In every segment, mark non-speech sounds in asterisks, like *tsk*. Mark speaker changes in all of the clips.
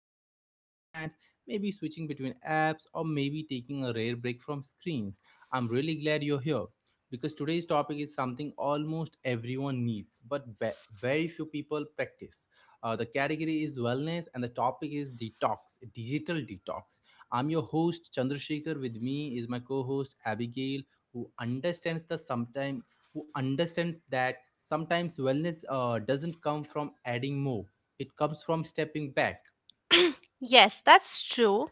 Speaker 1: phone in your hand, maybe switching between apps, or maybe taking a rare break from screens. I'm really glad you're here because today's topic is something almost everyone needs, but very few people practice. The category is wellness, and the topic is detox, digital detox. I'm your host, Chandrasekhar. With me is my co host, Abigail, who understands the sometime who understands that sometimes wellness doesn't come from adding more, it comes from stepping back.
Speaker 2: Yes, that's true.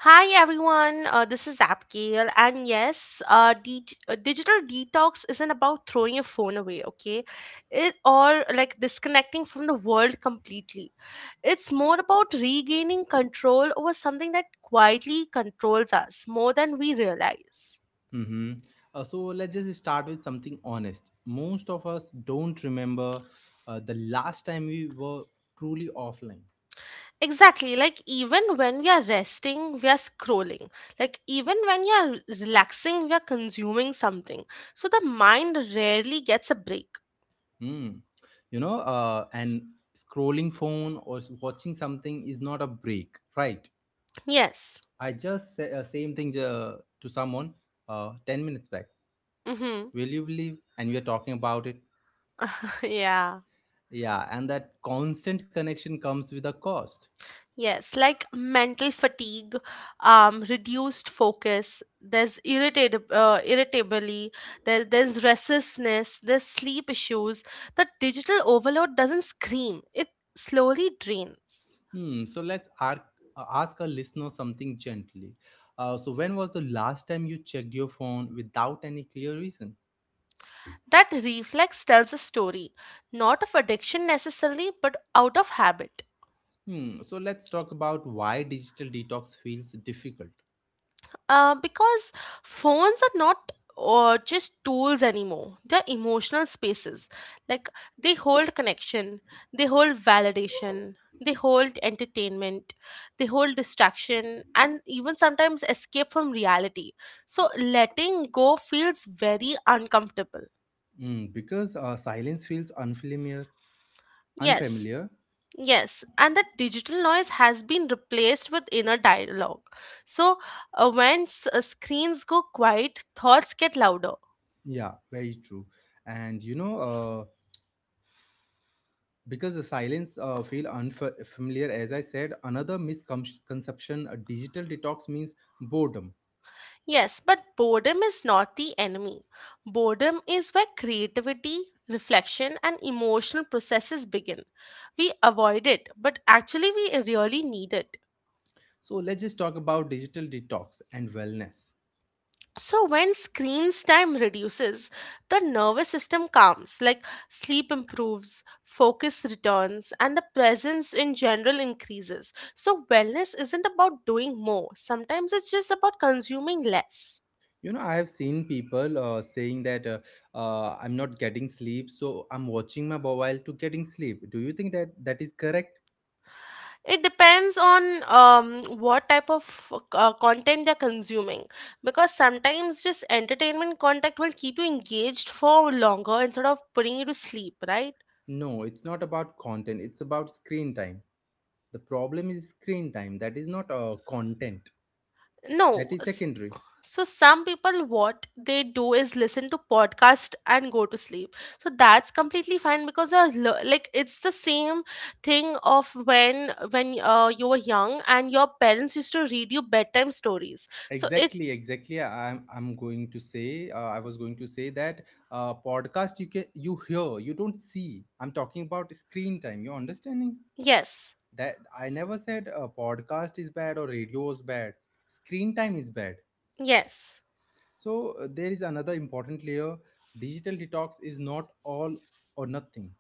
Speaker 2: Hi everyone, this is Abigail, and yes, digital detox isn't about throwing your phone away, okay? It or like disconnecting from the world completely. It's more about regaining control over something that quietly controls us more than we realize.
Speaker 1: Hmm. So let's just start with something honest. Most of us don't remember the last time we were truly offline.
Speaker 2: Exactly, like even when we are resting, we are scrolling. Like even when we are relaxing, we are consuming something. So the mind rarely gets a break.
Speaker 1: Hmm. And scrolling phone or watching something is not a break, right?
Speaker 2: Yes.
Speaker 1: I just say same thing to someone 10 minutes back.
Speaker 2: Mm-hmm.
Speaker 1: Will you believe? And we are talking about it.
Speaker 2: *laughs* Yeah.
Speaker 1: Yeah, and that constant connection comes with a cost.
Speaker 2: Yes, like mental fatigue, reduced focus. There's irritability. There's restlessness. There's sleep issues. The digital overload doesn't scream; it slowly drains.
Speaker 1: Hmm. So let's ask our listener something gently. So when was the last time you checked your phone without any clear reason?
Speaker 2: That reflex tells a story, not of addiction necessarily, but out of habit.
Speaker 1: Hmm. So let's talk about why digital detox feels difficult.
Speaker 2: Because phones are not just tools anymore. They're emotional spaces. Like they hold connection, they hold validation, they hold entertainment, they hold distraction, and even sometimes escape from reality. So letting go feels very uncomfortable.
Speaker 1: Hmm, because silence feels unfamiliar
Speaker 2: Yes.
Speaker 1: unfamiliar
Speaker 2: Yes, and that digital noise has been replaced with inner dialogue. So, when screens go quiet, thoughts get louder.
Speaker 1: yeah, very true. And because the silence feel unfamiliar, as I said, another misconception: a digital detox means boredom.
Speaker 2: Yes, but boredom is not the enemy. Boredom is where creativity, reflection, and emotional processes begin. We avoid it, but actually, we really need it.
Speaker 1: So let's just talk about digital detox and wellness.
Speaker 2: So, when screen's time reduces, the nervous system calms, like sleep improves, focus returns, and the presence in general increases. So, wellness isn't about doing more; sometimes it's just about consuming less.
Speaker 1: I have seen people saying that I'm not getting sleep, so I'm watching my mobile to getting sleep. Do you think that that is correct?
Speaker 2: It depends on what type of content they're consuming, because sometimes just entertainment content will keep you engaged for longer instead of putting you to sleep, right?
Speaker 1: No, it's not about content, it's about screen time. The problem is screen time, that is not content. That
Speaker 2: No.
Speaker 1: is secondary.
Speaker 2: So, some people, what they do is listen to podcast and go to sleep. So, that's completely fine, because you're like it's the same thing of when you were young and your parents used to read you bedtime stories. So,
Speaker 1: Exactly, exactly. I'm going to say, I was going to say that podcast, you hear, you don't see. I'm talking about screen time, you're understanding?
Speaker 2: yes,
Speaker 1: That I never said. Podcast is bad or radio is bad. Screen time is bad.
Speaker 2: yes.
Speaker 1: So, there is another important layer: digital detox is not all or nothing.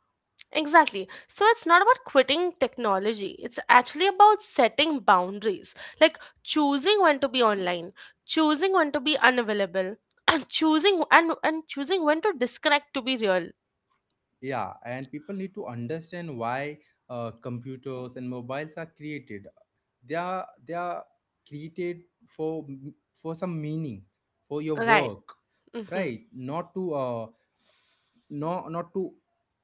Speaker 2: Exactly. So it's not about quitting technology. It's actually about setting boundaries, like choosing when to be online, choosing when to be unavailable, and choosing and choosing when to disconnect, to be real.
Speaker 1: Yeah, and people need to understand why computers and mobiles are created. They are created for, some meaning, for your
Speaker 2: Right.
Speaker 1: work.
Speaker 2: Mm-hmm.
Speaker 1: Right, not to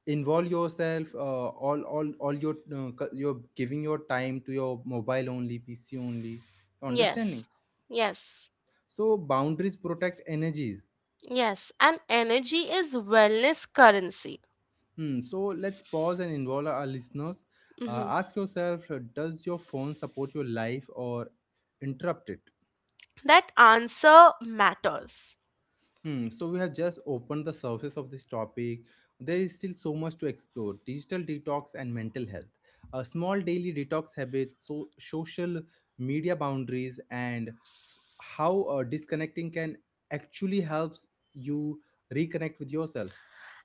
Speaker 1: involve yourself, all your you're giving your time to your mobile only, pc only, understanding?
Speaker 2: Yes. Yes.
Speaker 1: So boundaries protect energies.
Speaker 2: Yes. And energy is wellness currency.
Speaker 1: Hmm. So let's pause and involve our listeners.
Speaker 2: Mm-hmm.
Speaker 1: Ask yourself, does your phone support your life or interrupt it?
Speaker 2: That answer matters.
Speaker 1: Hmm, so we have just opened the surface of this topic. There is still so much to explore: digital detox and mental health, a small daily detox habits, so social media boundaries, and how disconnecting can actually helps you reconnect with yourself.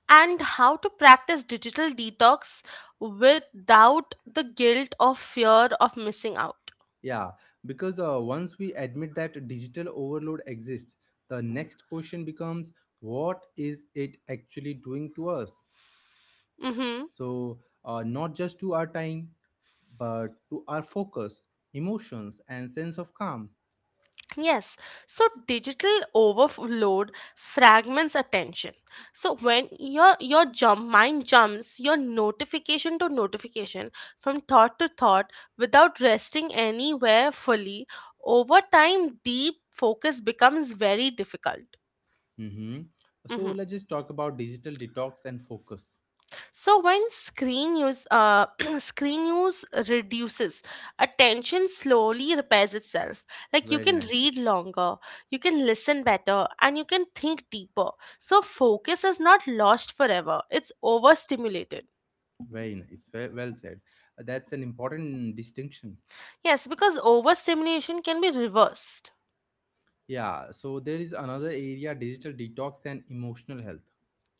Speaker 2: And how to practice digital detox without the guilt or fear of missing out.
Speaker 1: Yeah, because once we admit that digital overload exists, the next question becomes: what is it actually doing to us?
Speaker 2: Mm-hmm.
Speaker 1: So, not just to our time, but to our focus, emotions, and sense of calm.
Speaker 2: Yes. So digital overload fragments attention. So when your jump mind jumps your notification to notification, from thought to thought, without resting anywhere fully, over time deep focus becomes very difficult.
Speaker 1: Mhm. So
Speaker 2: Mm-hmm.
Speaker 1: let's just talk about digital detox and focus.
Speaker 2: So when screen use *clears throat* screen use reduces, attention slowly repairs itself. Like you
Speaker 1: Very
Speaker 2: can
Speaker 1: nice.
Speaker 2: read longer, you can listen better, and you can think deeper. So focus is not lost forever. It's overstimulated.
Speaker 1: Very nice. Well said. That's an important distinction.
Speaker 2: Yes, because overstimulation can be reversed.
Speaker 1: Yeah. So there is another area, digital detox and emotional health,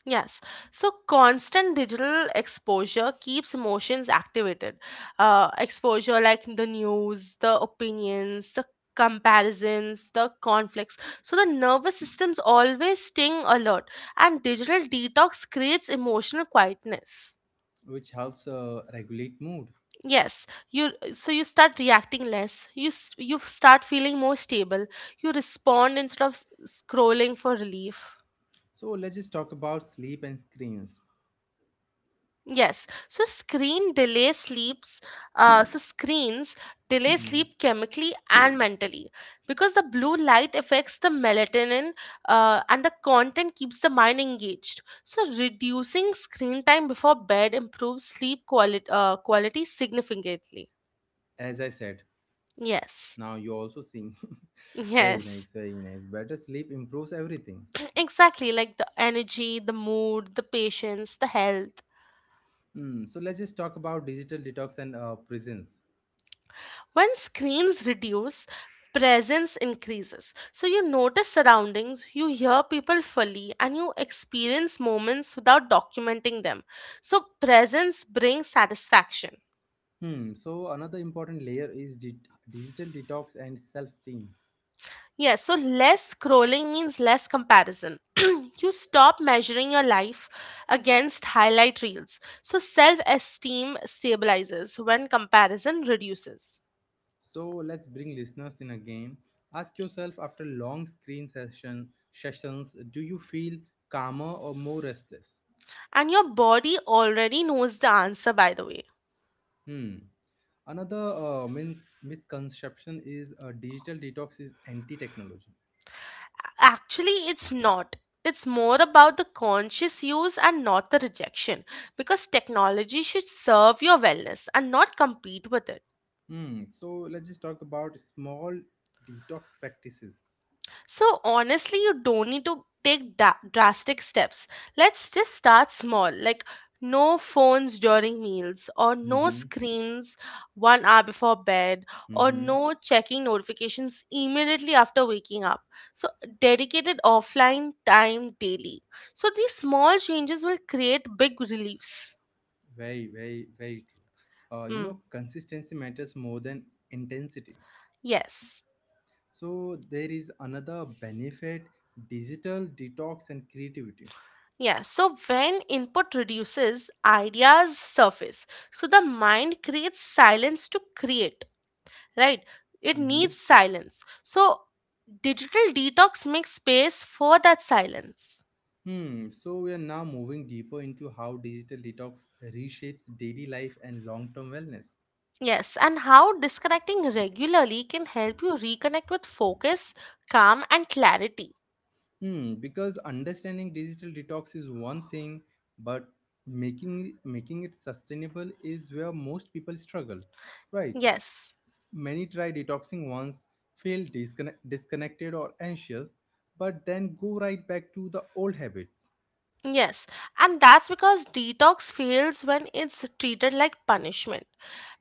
Speaker 2: Yes, so constant digital exposure keeps emotions activated. Exposure like the news, the opinions, the comparisons, the conflicts. So the nervous system's always staying alert, and digital detox creates emotional quietness.
Speaker 1: which helps regulate mood.
Speaker 2: Yes, you so you start reacting less. You start feeling more stable. You respond instead of scrolling for relief.
Speaker 1: So let's just talk about sleep and screens.
Speaker 2: Yes, so screens delay
Speaker 1: Mhm.
Speaker 2: sleep chemically and mentally, because the blue light affects the melatonin and the content keeps the mind engaged. So reducing screen time before bed improves sleep quality significantly.
Speaker 1: As I said,
Speaker 2: Yes,
Speaker 1: now you also sing.
Speaker 2: *laughs*
Speaker 1: *laughs* Very
Speaker 2: yes,
Speaker 1: nice, very nice. Better sleep improves everything.
Speaker 2: exactly, like the energy, the mood, the patience, the health.
Speaker 1: Hmm. So let's just talk about digital detox and prisons.
Speaker 2: When screens reduce, presence increases. So you notice surroundings, you hear people fully, and you experience moments without documenting them. So presence brings satisfaction.
Speaker 1: Hmm. So another important layer is digital detox and self-esteem.
Speaker 2: Yes, so less scrolling means less comparison. *clears throat* You stop measuring your life against highlight reels. So self esteem stabilizes when comparison reduces.
Speaker 1: So let's bring listeners in again. Ask yourself, after long screen sessions, do you feel calmer or more restless?
Speaker 2: And your body already knows the answer, by the way.
Speaker 1: Hmm. Another misconception is digital detox is anti-technology.
Speaker 2: Actually, it's not. It's more about the conscious use and not the rejection, because technology should serve your wellness and not compete with it.
Speaker 1: Hmm. So let's just talk about small detox practices.
Speaker 2: So honestly, you don't need to take drastic steps. Let's just start small, like no phones during meals, or no
Speaker 1: Mm-hmm.
Speaker 2: screens 1 hour before bed, or
Speaker 1: Mm-hmm.
Speaker 2: no checking notifications immediately after waking up. So, dedicated offline time daily. So, these small changes will create big reliefs.
Speaker 1: Very, very, very true.
Speaker 2: Mm,
Speaker 1: Consistency matters more than intensity.
Speaker 2: yes.
Speaker 1: So there is another benefit: digital detox and creativity.
Speaker 2: Yeah, so when input reduces, ideas surface. So the mind creates silence to create, right? It
Speaker 1: Mm-hmm.
Speaker 2: needs silence. So, digital detox makes space for that silence.
Speaker 1: Hmm. So we are now moving deeper into how digital detox reshapes daily life and long-term wellness.
Speaker 2: Yes, and how disconnecting regularly can help you reconnect with focus, calm, and clarity.
Speaker 1: Hmm, because understanding digital detox is one thing, but making it sustainable is where most people struggle, right?
Speaker 2: Yes,
Speaker 1: Many try detoxing once, feel disconnected or anxious, but then go right back to the old habits.
Speaker 2: yes, and that's because detox fails when it's treated like punishment.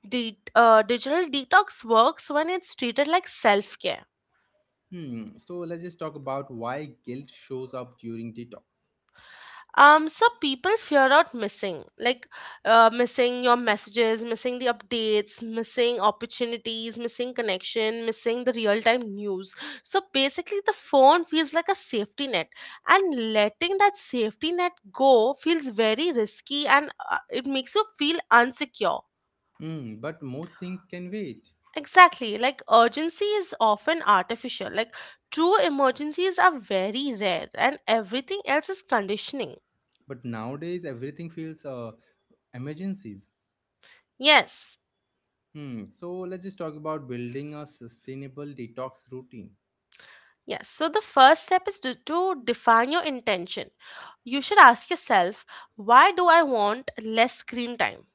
Speaker 2: Digital detox works when it's treated like self care.
Speaker 1: Hmm. So let's just talk about why guilt shows up during detox.
Speaker 2: So people fear out missing, missing your messages, missing the updates, missing opportunities, missing connection, missing the real time news. So basically the phone feels like a safety net, and letting that safety net go feels very risky, and it makes you feel unsecure.
Speaker 1: Hmm. But most things can wait.
Speaker 2: Exactly, like urgency is often artificial, like true emergencies are very rare, and everything else is conditioning.
Speaker 1: But nowadays everything feels emergencies.
Speaker 2: Yes.
Speaker 1: Hmm. So let's just talk about building a sustainable detox routine.
Speaker 2: Yes, so the first step is to define your intention. You should ask yourself, why do I want less screen time?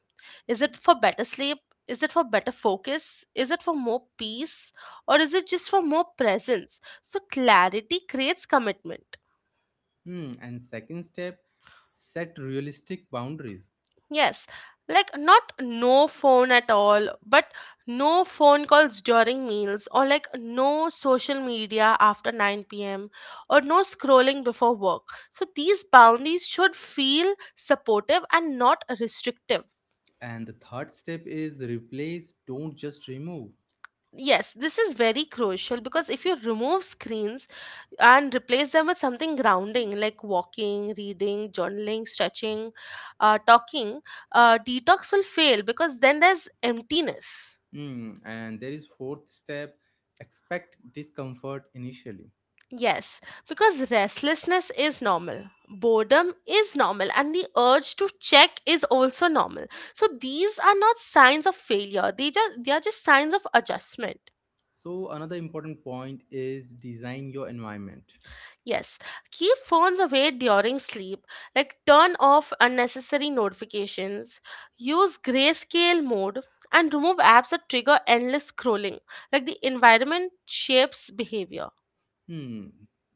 Speaker 2: Is it for better sleep? Is it for better focus? Is it for more peace? Or is it just for more presence? So, clarity creates commitment.
Speaker 1: Hmm. And second step, set realistic boundaries.
Speaker 2: Yes, like not no phone at all, but no phone calls during meals, or like no social media after 9 p.m., or no scrolling before work. So these boundaries should feel supportive and not restrictive.
Speaker 1: And the third step is replace, don't just remove.
Speaker 2: Yes, this is very crucial, because if you remove screens and replace them with something grounding, like walking, reading, journaling, stretching, talking, detox will fail, because then there's emptiness.
Speaker 1: Hmm. And there is fourth step, expect discomfort initially.
Speaker 2: Yes, because restlessness is normal, boredom is normal, and the urge to check is also normal. So these are not signs of failure. They are just signs of adjustment.
Speaker 1: So another important point is design your environment.
Speaker 2: Yes, keep phones away during sleep. Like turn off unnecessary notifications, use grayscale mode, and remove apps that trigger endless scrolling. Like the environment shapes behavior.
Speaker 1: Hmm.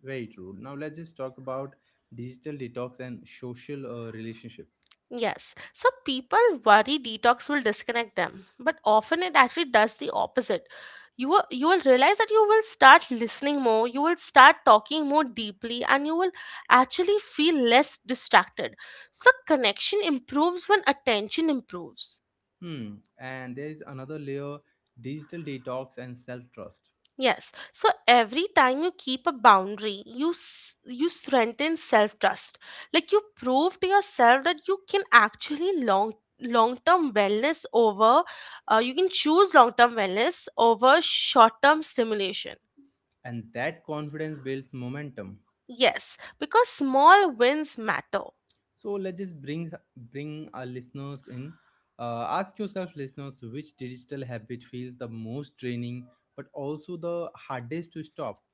Speaker 1: Very true. Now let's just talk about digital detox and social relationships.
Speaker 2: Yes, so people worry detox will disconnect them, but often it actually does the opposite. You will realize that you will start listening more, you will start talking more deeply, and you will actually feel less distracted. So, the connection improves when attention improves.
Speaker 1: Hmm. And there is another layer, digital detox and self trust.
Speaker 2: Yes. So every time you keep a boundary, you strengthen self trust. Like you prove to yourself that you can actually long term wellness over. You can choose long term wellness over short term stimulation.
Speaker 1: And that confidence builds momentum.
Speaker 2: Yes, because small wins matter.
Speaker 1: So let's just bring our listeners in. Ask yourself, listeners, which digital habit feels the most draining, but also the hardest to stop.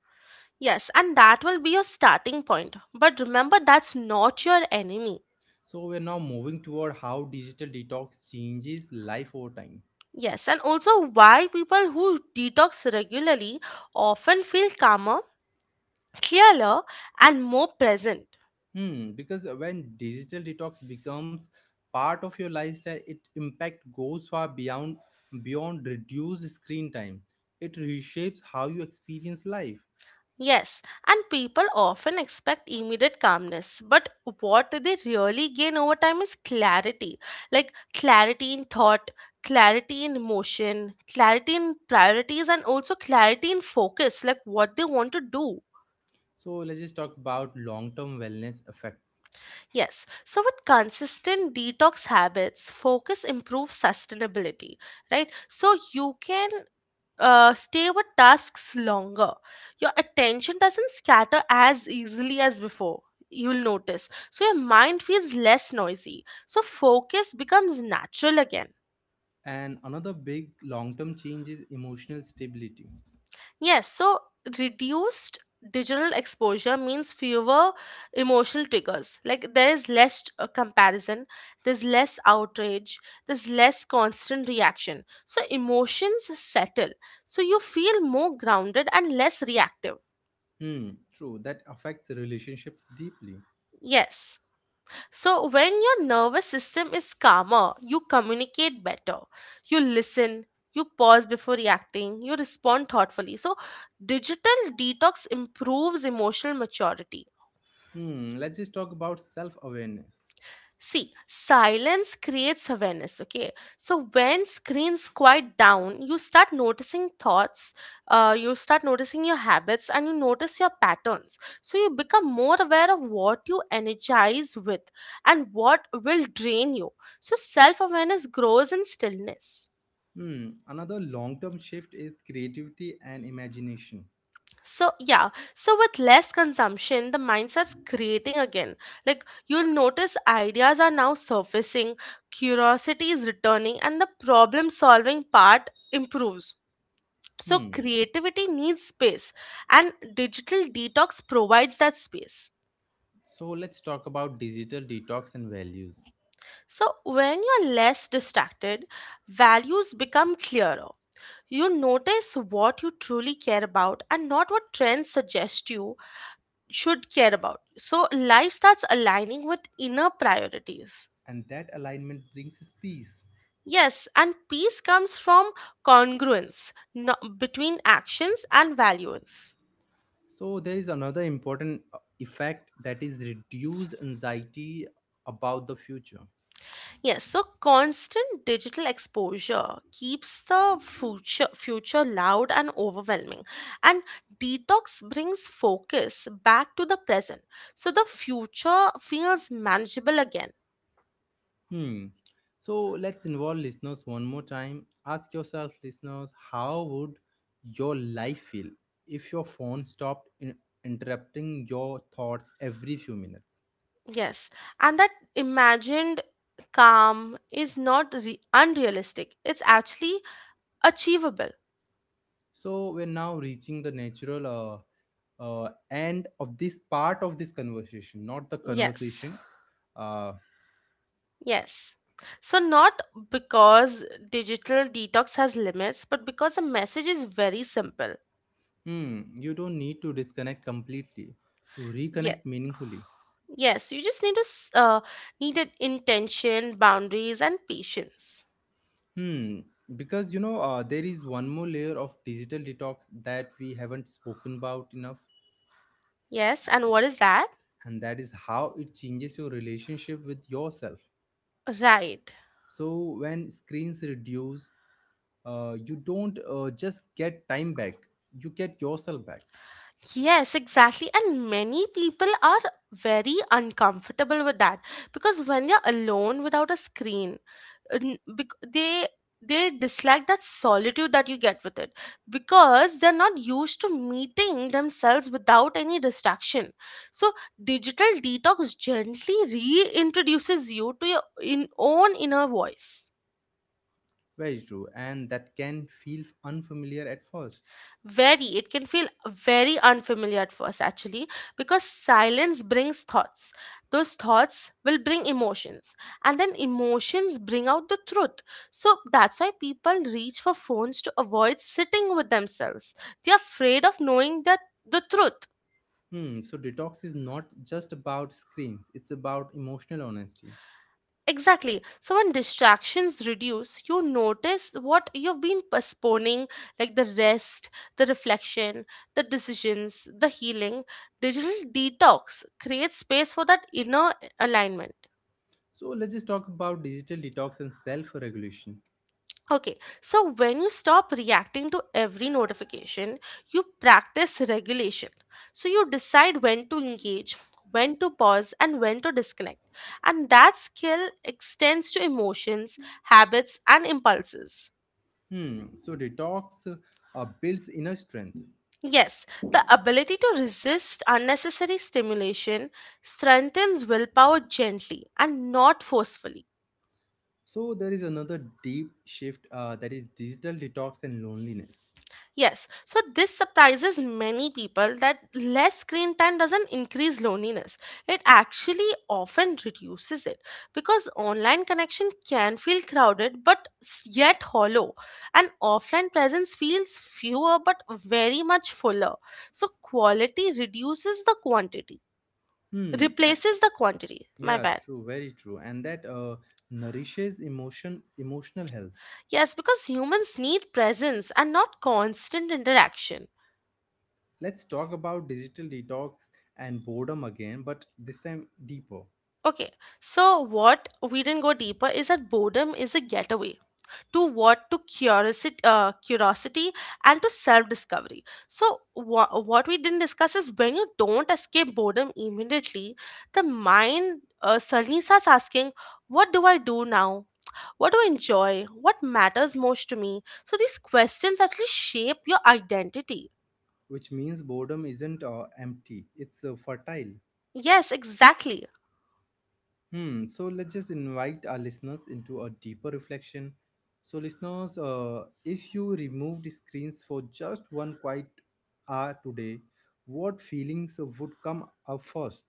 Speaker 2: Yes, and that will be your starting point. But remember, that's not your enemy.
Speaker 1: So we're now moving toward how digital detox changes life over time.
Speaker 2: Yes, and also why people who detox regularly often feel calmer, clearer, and more present.
Speaker 1: Hmm, because when digital detox becomes part of your lifestyle, it impact goes far beyond reduced screen time. It reshapes how you experience life.
Speaker 2: Yes, and people often expect immediate calmness, but what they really gain over time is clarity, like clarity in thought, clarity in emotion, clarity in priorities, and also clarity in focus, like what they want to do.
Speaker 1: So let's just talk about long-term wellness effects.
Speaker 2: Yes, so with consistent detox habits, focus improves sustainability, right? So you can stay with tasks longer. Your attention doesn't scatter as easily as before. You'll notice. So your mind feels less noisy. So focus becomes natural again.
Speaker 1: And another big long-term change is emotional stability.
Speaker 2: Yes, so reduced digital exposure means fewer emotional triggers. Like there is less comparison, there's less outrage, there's less constant reaction. So emotions settle. So you feel more grounded and less reactive.
Speaker 1: Hmm, true. That affects relationships deeply.
Speaker 2: Yes. So, when your nervous system is calmer, you communicate better, you listen, you pause before reacting, you respond thoughtfully. So, digital detox improves emotional maturity.
Speaker 1: Hmm, let's just talk about self-awareness.
Speaker 2: See, silence creates awareness, okay? So when screens quiet down, you start noticing thoughts, you start noticing your habits, and you notice your patterns. So you become more aware of what you energize with and what will drain you. So self awareness grows in stillness.
Speaker 1: Hmm, another long-term shift is creativity and imagination.
Speaker 2: So, yeah, so with less consumption, the mindset's creating again. Like, you'll notice ideas are now surfacing, curiosity is returning, and the problem solving part improves. So,
Speaker 1: Hmm.
Speaker 2: creativity needs space, and digital detox provides that space.
Speaker 1: So let's talk about digital detox and values.
Speaker 2: So, when you're less distracted, values become clearer. You notice what you truly care about and not what trends suggest you should care about. So life starts aligning with inner priorities.
Speaker 1: And that alignment brings us peace.
Speaker 2: Yes, and peace comes from congruence between actions and values.
Speaker 1: So there is another important effect, that is reduced anxiety about the future.
Speaker 2: Yes, so constant digital exposure keeps the future loud and overwhelming, and detox brings focus back to the present, so the future feels manageable again.
Speaker 1: Hmm. So let's involve listeners one more time. Ask yourself, listeners, how would your life feel if your phone stopped interrupting your thoughts every few minutes?
Speaker 2: Yes, and that imagined calm is not unrealistic. It's actually achievable.
Speaker 1: So we're now reaching the natural end of this part of this conversation, not the
Speaker 2: Yes,
Speaker 1: conversation. Uh,
Speaker 2: yes. So, not because digital detox has limits, but because the message is very simple.
Speaker 1: you don't need to disconnect completely to
Speaker 2: Yeah,
Speaker 1: reconnect meaningfully.
Speaker 2: yes, you just need to need an intention, boundaries, and patience.
Speaker 1: Hmm, because there is one more layer of digital detox that we haven't spoken about enough,
Speaker 2: Yes, and what is that?
Speaker 1: and that is how it changes your relationship with yourself.
Speaker 2: Right.
Speaker 1: So when screens reduce, you don't just get time back; you get yourself back.
Speaker 2: Yes, exactly. And many people are very uncomfortable with that, because when they're alone without a screen, uh, n- bec- they they dislike that solitude that you get with it, because they're not used to meeting themselves without any distraction. So digital detox gently reintroduces you to your in own inner voice.
Speaker 1: Very true, and that can feel unfamiliar at first.
Speaker 2: Very. It can feel very unfamiliar at first, actually, because silence brings thoughts. Those thoughts will bring emotions, and then emotions bring out the truth. So that's why people reach for phones to avoid sitting with themselves. They're afraid of knowing that the truth.
Speaker 1: Hmm, so detox is not just about screens, it's about emotional honesty.
Speaker 2: Exactly. So when distractions reduce, you notice what you've been postponing, like the rest, the reflection, the decisions, the healing. Digital detox creates space for that inner alignment.
Speaker 1: So let's just talk about digital detox and self-regulation.
Speaker 2: Okay, so when you stop reacting to every notification, you practice regulation. So you decide when to engage, when to pause, and when to disconnect. And that skill extends to emotions, habits, and impulses.
Speaker 1: Hmm, so detox builds inner strength.
Speaker 2: Yes, the ability to resist unnecessary stimulation strengthens willpower gently and not forcefully.
Speaker 1: So there is another deep shift that is digital detox and loneliness.
Speaker 2: Yes, so this surprises many people that less screen time doesn't increase loneliness. It actually often reduces it because online connection can feel crowded but yet hollow, and offline presence feels fewer but very much fuller. So, quality reduces the quantity,
Speaker 1: Hmm.
Speaker 2: replaces the quantity. My
Speaker 1: Yeah,
Speaker 2: bad.
Speaker 1: true, very true, and that nourishes emotion, emotional health.
Speaker 2: Yes, because humans need presence and not constant interaction.
Speaker 1: Let's talk about digital detox and boredom again, but this time deeper,
Speaker 2: Okay, so what we didn't go deeper is that boredom is a getaway to what to curiosity, curiosity and to self-discovery. So what we didn't discuss is when you don't escape boredom immediately, the mind suddenly starts asking, "What do I do now? What do I enjoy? What matters most to me?" So these questions actually shape your identity.
Speaker 1: which means boredom isn't empty, it's fertile.
Speaker 2: Yes, exactly.
Speaker 1: Hmm, so let's just invite our listeners into a deeper reflection. So, listeners, if you removed screens for just one quiet hour today, what feelings would come up first?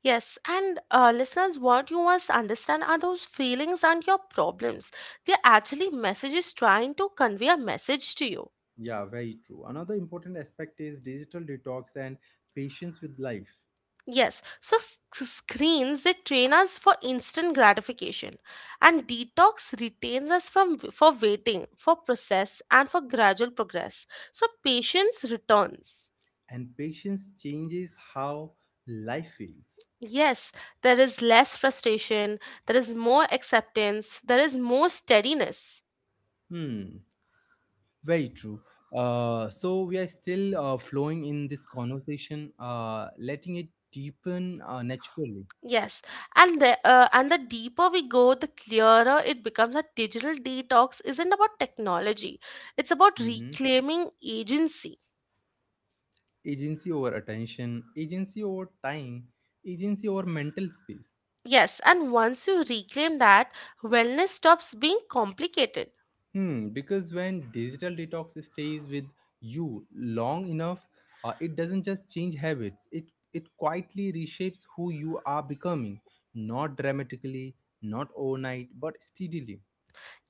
Speaker 2: Yes, and listeners, what you must understand are those feelings and your problems. They're actually messages trying to convey a message to you.
Speaker 1: Yeah, very true. Another important aspect is digital detox and patience with life.
Speaker 2: Yes, so screens they train us for instant gratification, and detox retains us from for waiting, for process, and for gradual progress. So patience returns.
Speaker 1: And patience changes how life feels.
Speaker 2: Yes, there is less frustration, there is more acceptance, there is more steadiness.
Speaker 1: Hmm, very true. So we are still flowing in this conversation, letting it deepen naturally.
Speaker 2: Yes, and the deeper we go, the clearer it becomes that digital detox isn't about technology. It's about
Speaker 1: Mhm.
Speaker 2: reclaiming agency.
Speaker 1: Agency over attention, agency over time, agency over mental space.
Speaker 2: Yes, and once you reclaim that, wellness stops being complicated.
Speaker 1: Hmm, because when digital detox stays with you long enough, it doesn't just change habits. It quietly reshapes who you are becoming, not dramatically, not overnight, but steadily.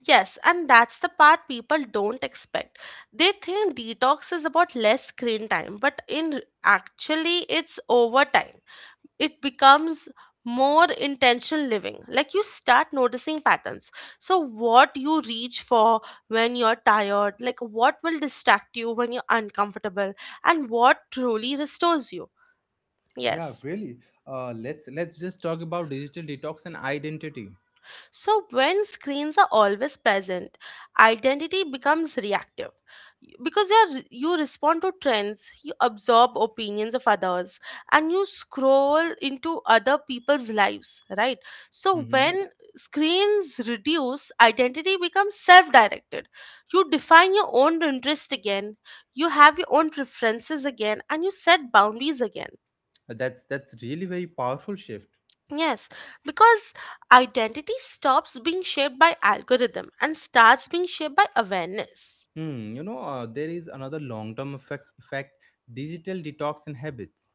Speaker 2: Yes, and that's the part people don't expect. They think detox is about less screen time, but in actually it's overtime. It becomes more intentional living, like you start noticing patterns, so what you reach for when you're tired, like what will distract you when you're uncomfortable and what truly restores you.
Speaker 1: Yeah,
Speaker 2: Yes.
Speaker 1: really. Let's just talk about digital detox and identity.
Speaker 2: So, when screens are always present, identity becomes reactive because you respond to trends, you absorb opinions of others, and you scroll into other people's lives, right? So,
Speaker 1: Mm-hmm.
Speaker 2: when screens reduce, identity becomes self directed. You define your own interest again, you have your own preferences again, and you set boundaries again.
Speaker 1: That's really very powerful shift.
Speaker 2: Yes, because identity stops being shaped by algorithm and starts being shaped by awareness.
Speaker 1: Hmm. There is another long term effect, digital detox and habits.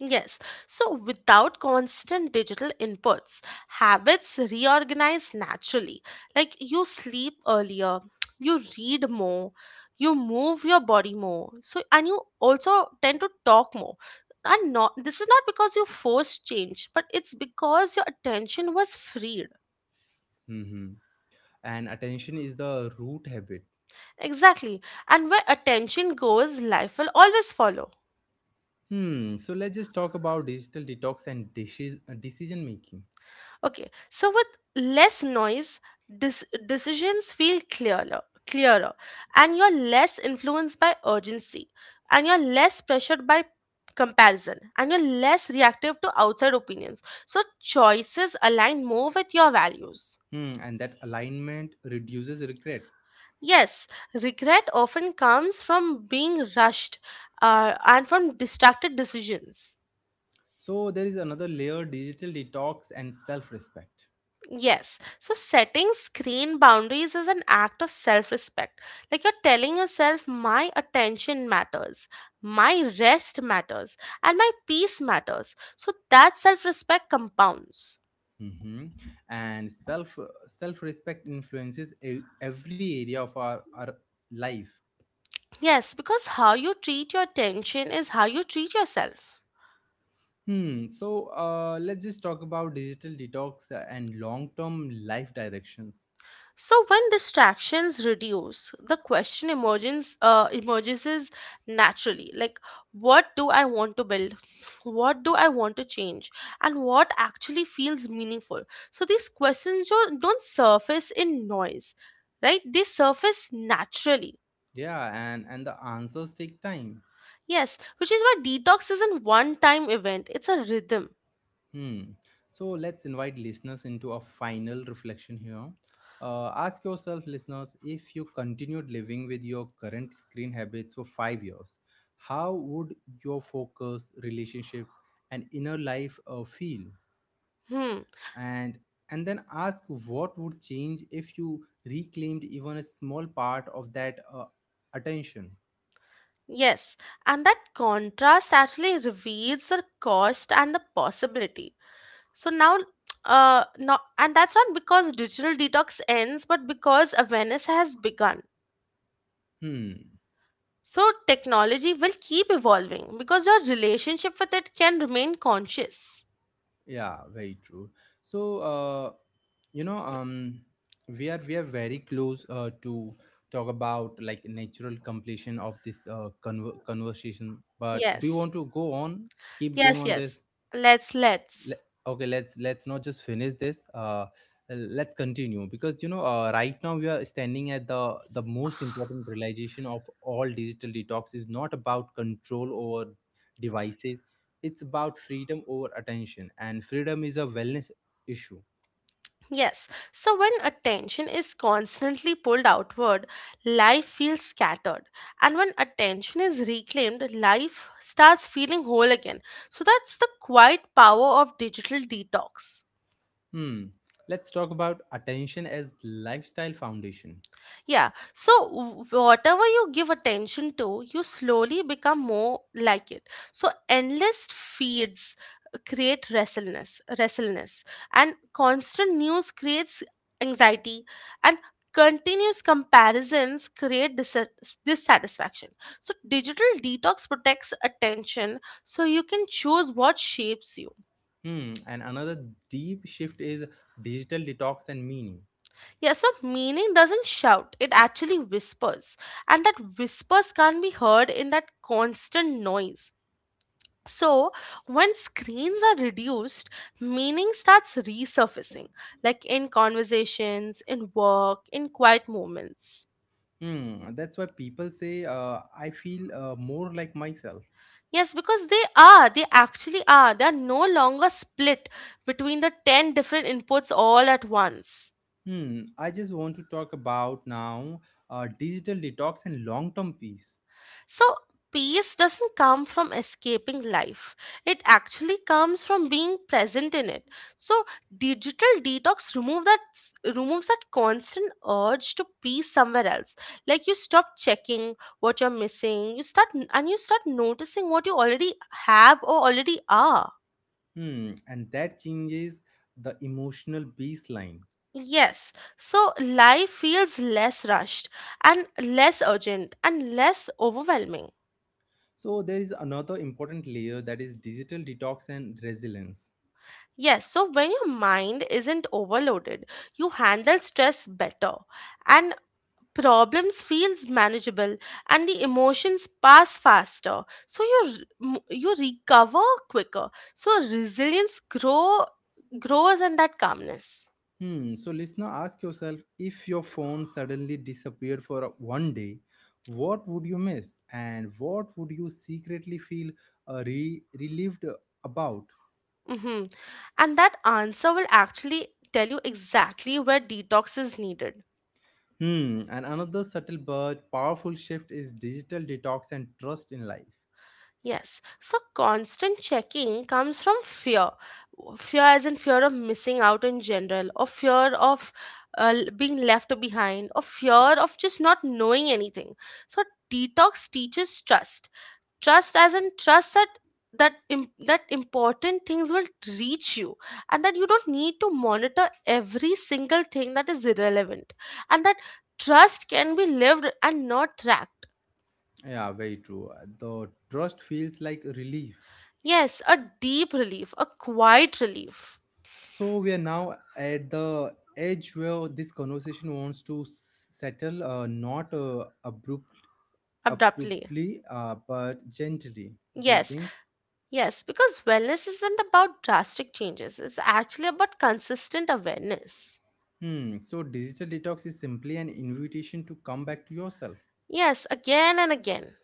Speaker 2: Yes, so without constant digital inputs, habits reorganize naturally. Like you sleep earlier, *tsk* you read more, you move your body more. So, and you also tend to talk more. And not this is not because you forced change, but it's because your attention was freed.
Speaker 1: Mm-hmm. And attention is the root habit.
Speaker 2: Exactly. And where attention goes, life will always follow.
Speaker 1: Hmm. So let's just talk about digital detox and decision making.
Speaker 2: Okay, so with less noise, decisions feel clearer, clearer, and you're less influenced by urgency, and you're less pressured by comparison, and you're less reactive to outside opinions. So choices align more with your values.
Speaker 1: Hmm. And that alignment reduces regret.
Speaker 2: Yes, regret often comes from being rushed and from distracted decisions.
Speaker 1: So there is another layer: digital detox and self-respect.
Speaker 2: Yes. So setting screen boundaries is an act of self respect. Like you're telling yourself, my attention matters, my rest matters, and my peace matters. So that self respect compounds.
Speaker 1: Hmm. And self-respect influences every area of our life.
Speaker 2: Yes, because how you treat your attention is how you treat yourself.
Speaker 1: Hmm. So let's just talk about digital detox and long-term life directions.
Speaker 2: So when distractions reduce, the question emerges emerges is naturally, like what do I want to build, what do I want to change, and what actually feels meaningful. So these questions don't surface in noise, right? They surface naturally.
Speaker 1: Yeah, and the answers take time.
Speaker 2: Yes, which is why detox isn't one time event; it's a rhythm.
Speaker 1: Hmm. So let's invite listeners into a final reflection here. Ask yourself, listeners, if you continued living with your current screen habits for 5 years, how would your focus, relationships, and inner life feel?
Speaker 2: Hmm.
Speaker 1: And and then ask what would change if you reclaimed even a small part of that attention.
Speaker 2: Yes, and that contrast actually reveals the cost and the possibility. So now, not, and that's not because digital detox ends, but because awareness has begun.
Speaker 1: Hmm.
Speaker 2: So technology will keep evolving because your relationship with it can remain conscious.
Speaker 1: Yeah, very true. So, you know, um, we are very close to talk about like natural completion of this conversation. But do you
Speaker 2: Yes,
Speaker 1: want to go on? Keep going
Speaker 2: yes,
Speaker 1: on
Speaker 2: yes.
Speaker 1: this.
Speaker 2: Let's,
Speaker 1: le-
Speaker 2: let's.
Speaker 1: okay, let's not just finish this, let's continue because right now we are standing at the most important realization of all. Digital detox is not about control over devices, it's about freedom over attention, and freedom is a wellness issue.
Speaker 2: Yes. So when attention is constantly pulled outward, life feels scattered. And when attention is reclaimed, life starts feeling whole again. So that's the quiet power of digital detox.
Speaker 1: Hmm. Let's talk about attention as lifestyle foundation.
Speaker 2: Yeah. So, whatever you give attention to, you slowly become more like it. So, endless feeds create restlessness, and constant news creates anxiety, and continuous comparisons create dissatisfaction. So, digital detox protects attention, so you can choose what shapes you.
Speaker 1: Hmm, and another deep shift is digital detox and meaning.
Speaker 2: Yeah, so meaning doesn't shout, it actually whispers. And that whispers can't be heard in that constant noise. So, when screens are reduced, meaning starts resurfacing, like in conversations, in work, in quiet moments.
Speaker 1: Hmm, that's why people say I feel more like myself.
Speaker 2: Yes, because they are, they actually are. They are no longer split between the 10 different inputs all at once.
Speaker 1: Hmm, I just want to talk about now digital detox and long term peace.
Speaker 2: So, peace doesn't come from escaping life, it actually comes from being present in it. So, digital removes that constant urge to be somewhere else. Like, you stop checking what you're missing, you start noticing what you already have or already are.
Speaker 1: Hmm, and that changes the emotional baseline.
Speaker 2: Yes, so life feels less rushed and less urgent and less overwhelming.
Speaker 1: So, there is another important layer that is digital detox and resilience.
Speaker 2: Yes, so when your mind isn't overloaded, you handle stress better and problems feels manageable and the emotions pass faster, so you recover quicker, so resilience grows in that calmness.
Speaker 1: Hmm, so, listener, ask yourself if your phone suddenly disappeared for one day, what would you miss and what would you secretly feel relieved about?
Speaker 2: Hmm, and that answer will actually tell you exactly where detox is needed.
Speaker 1: Hmm, and another subtle but powerful shift is digital detox and trust in life.
Speaker 2: Yes, so constant checking comes from fear. Fear, as in fear of missing out in general, or fear of being left behind, or fear of just not knowing anything. So, detox teaches trust. Trust, as in trust that that important things will reach you, and that you don't need to monitor every single thing that is irrelevant, and that trust can be lived and not tracked.
Speaker 1: Yeah, very true. The trust feels like relief.
Speaker 2: Yes, a deep relief, a quiet relief,
Speaker 1: So we are now at the edge where this conversation wants to settle, not
Speaker 2: abruptly.
Speaker 1: abruptly, but gently. Do you
Speaker 2: Yes,
Speaker 1: think?
Speaker 2: yes, because wellness isn't about drastic changes, it's actually about consistent awareness.
Speaker 1: Hmm. So digital detox is simply an invitation to come back to yourself.
Speaker 2: Yes, again and again.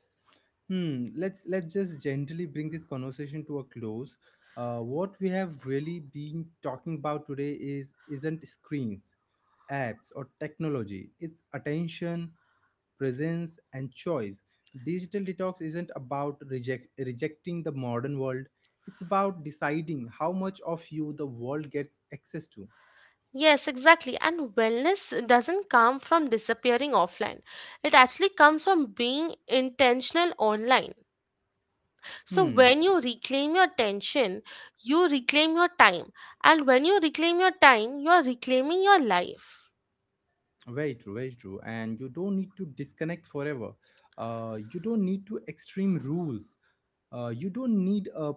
Speaker 1: Hmm. Let's just gently bring this conversation to a close. What we have really been talking about today is isn't screens, apps, or technology. It's attention, presence, and choice. Digital detox isn't about rejecting the modern world. It's about deciding how much of you the world gets access to.
Speaker 2: Yes, exactly. And wellness doesn't come from disappearing offline, it actually comes from being intentional online. So,
Speaker 1: Hmm.
Speaker 2: when you reclaim your attention, you reclaim your time. And when you reclaim your time, you're reclaiming your life.
Speaker 1: Very true, very true. And you don't need to disconnect forever. You don't need to extreme rules. You don't need a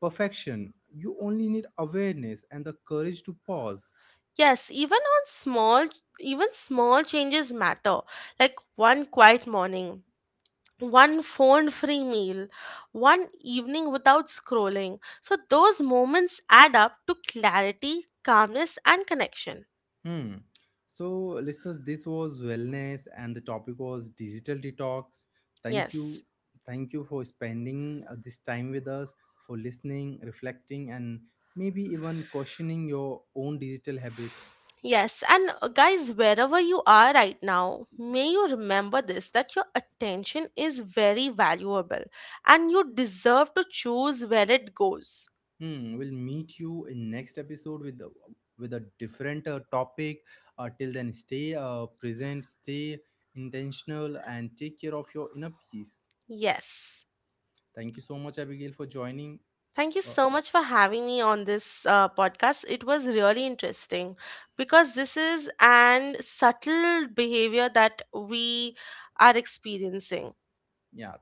Speaker 1: perfection. You only need awareness and the courage to pause.
Speaker 2: Yes, even on small, even small changes matter. Like one quiet morning, one phone-free meal, one evening without scrolling. So those moments add up to clarity, calmness, and connection.
Speaker 1: Hmm. So, listeners, this was wellness, and the topic was digital detox. Thank
Speaker 2: Yes.
Speaker 1: you, thank you for spending this time with us, for listening, reflecting, and maybe even questioning your own digital habits.
Speaker 2: Yes, and guys, wherever you are right now, may you remember this that your attention is very valuable and you deserve to choose where it goes.
Speaker 1: Hmm, we'll meet you in next episode with a different topic. Till then, stay present, stay intentional, and take care of your inner peace.
Speaker 2: Yes.
Speaker 1: Thank you so much, Abigail, for joining.
Speaker 2: Thank you
Speaker 1: Uh,
Speaker 2: so much for having me on this podcast. It was really interesting because this is an subtle behavior that we are experiencing.
Speaker 1: yeah,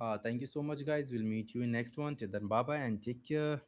Speaker 1: thank you so much, guys. We'll meet you in next one. Till then, bye bye, and take care.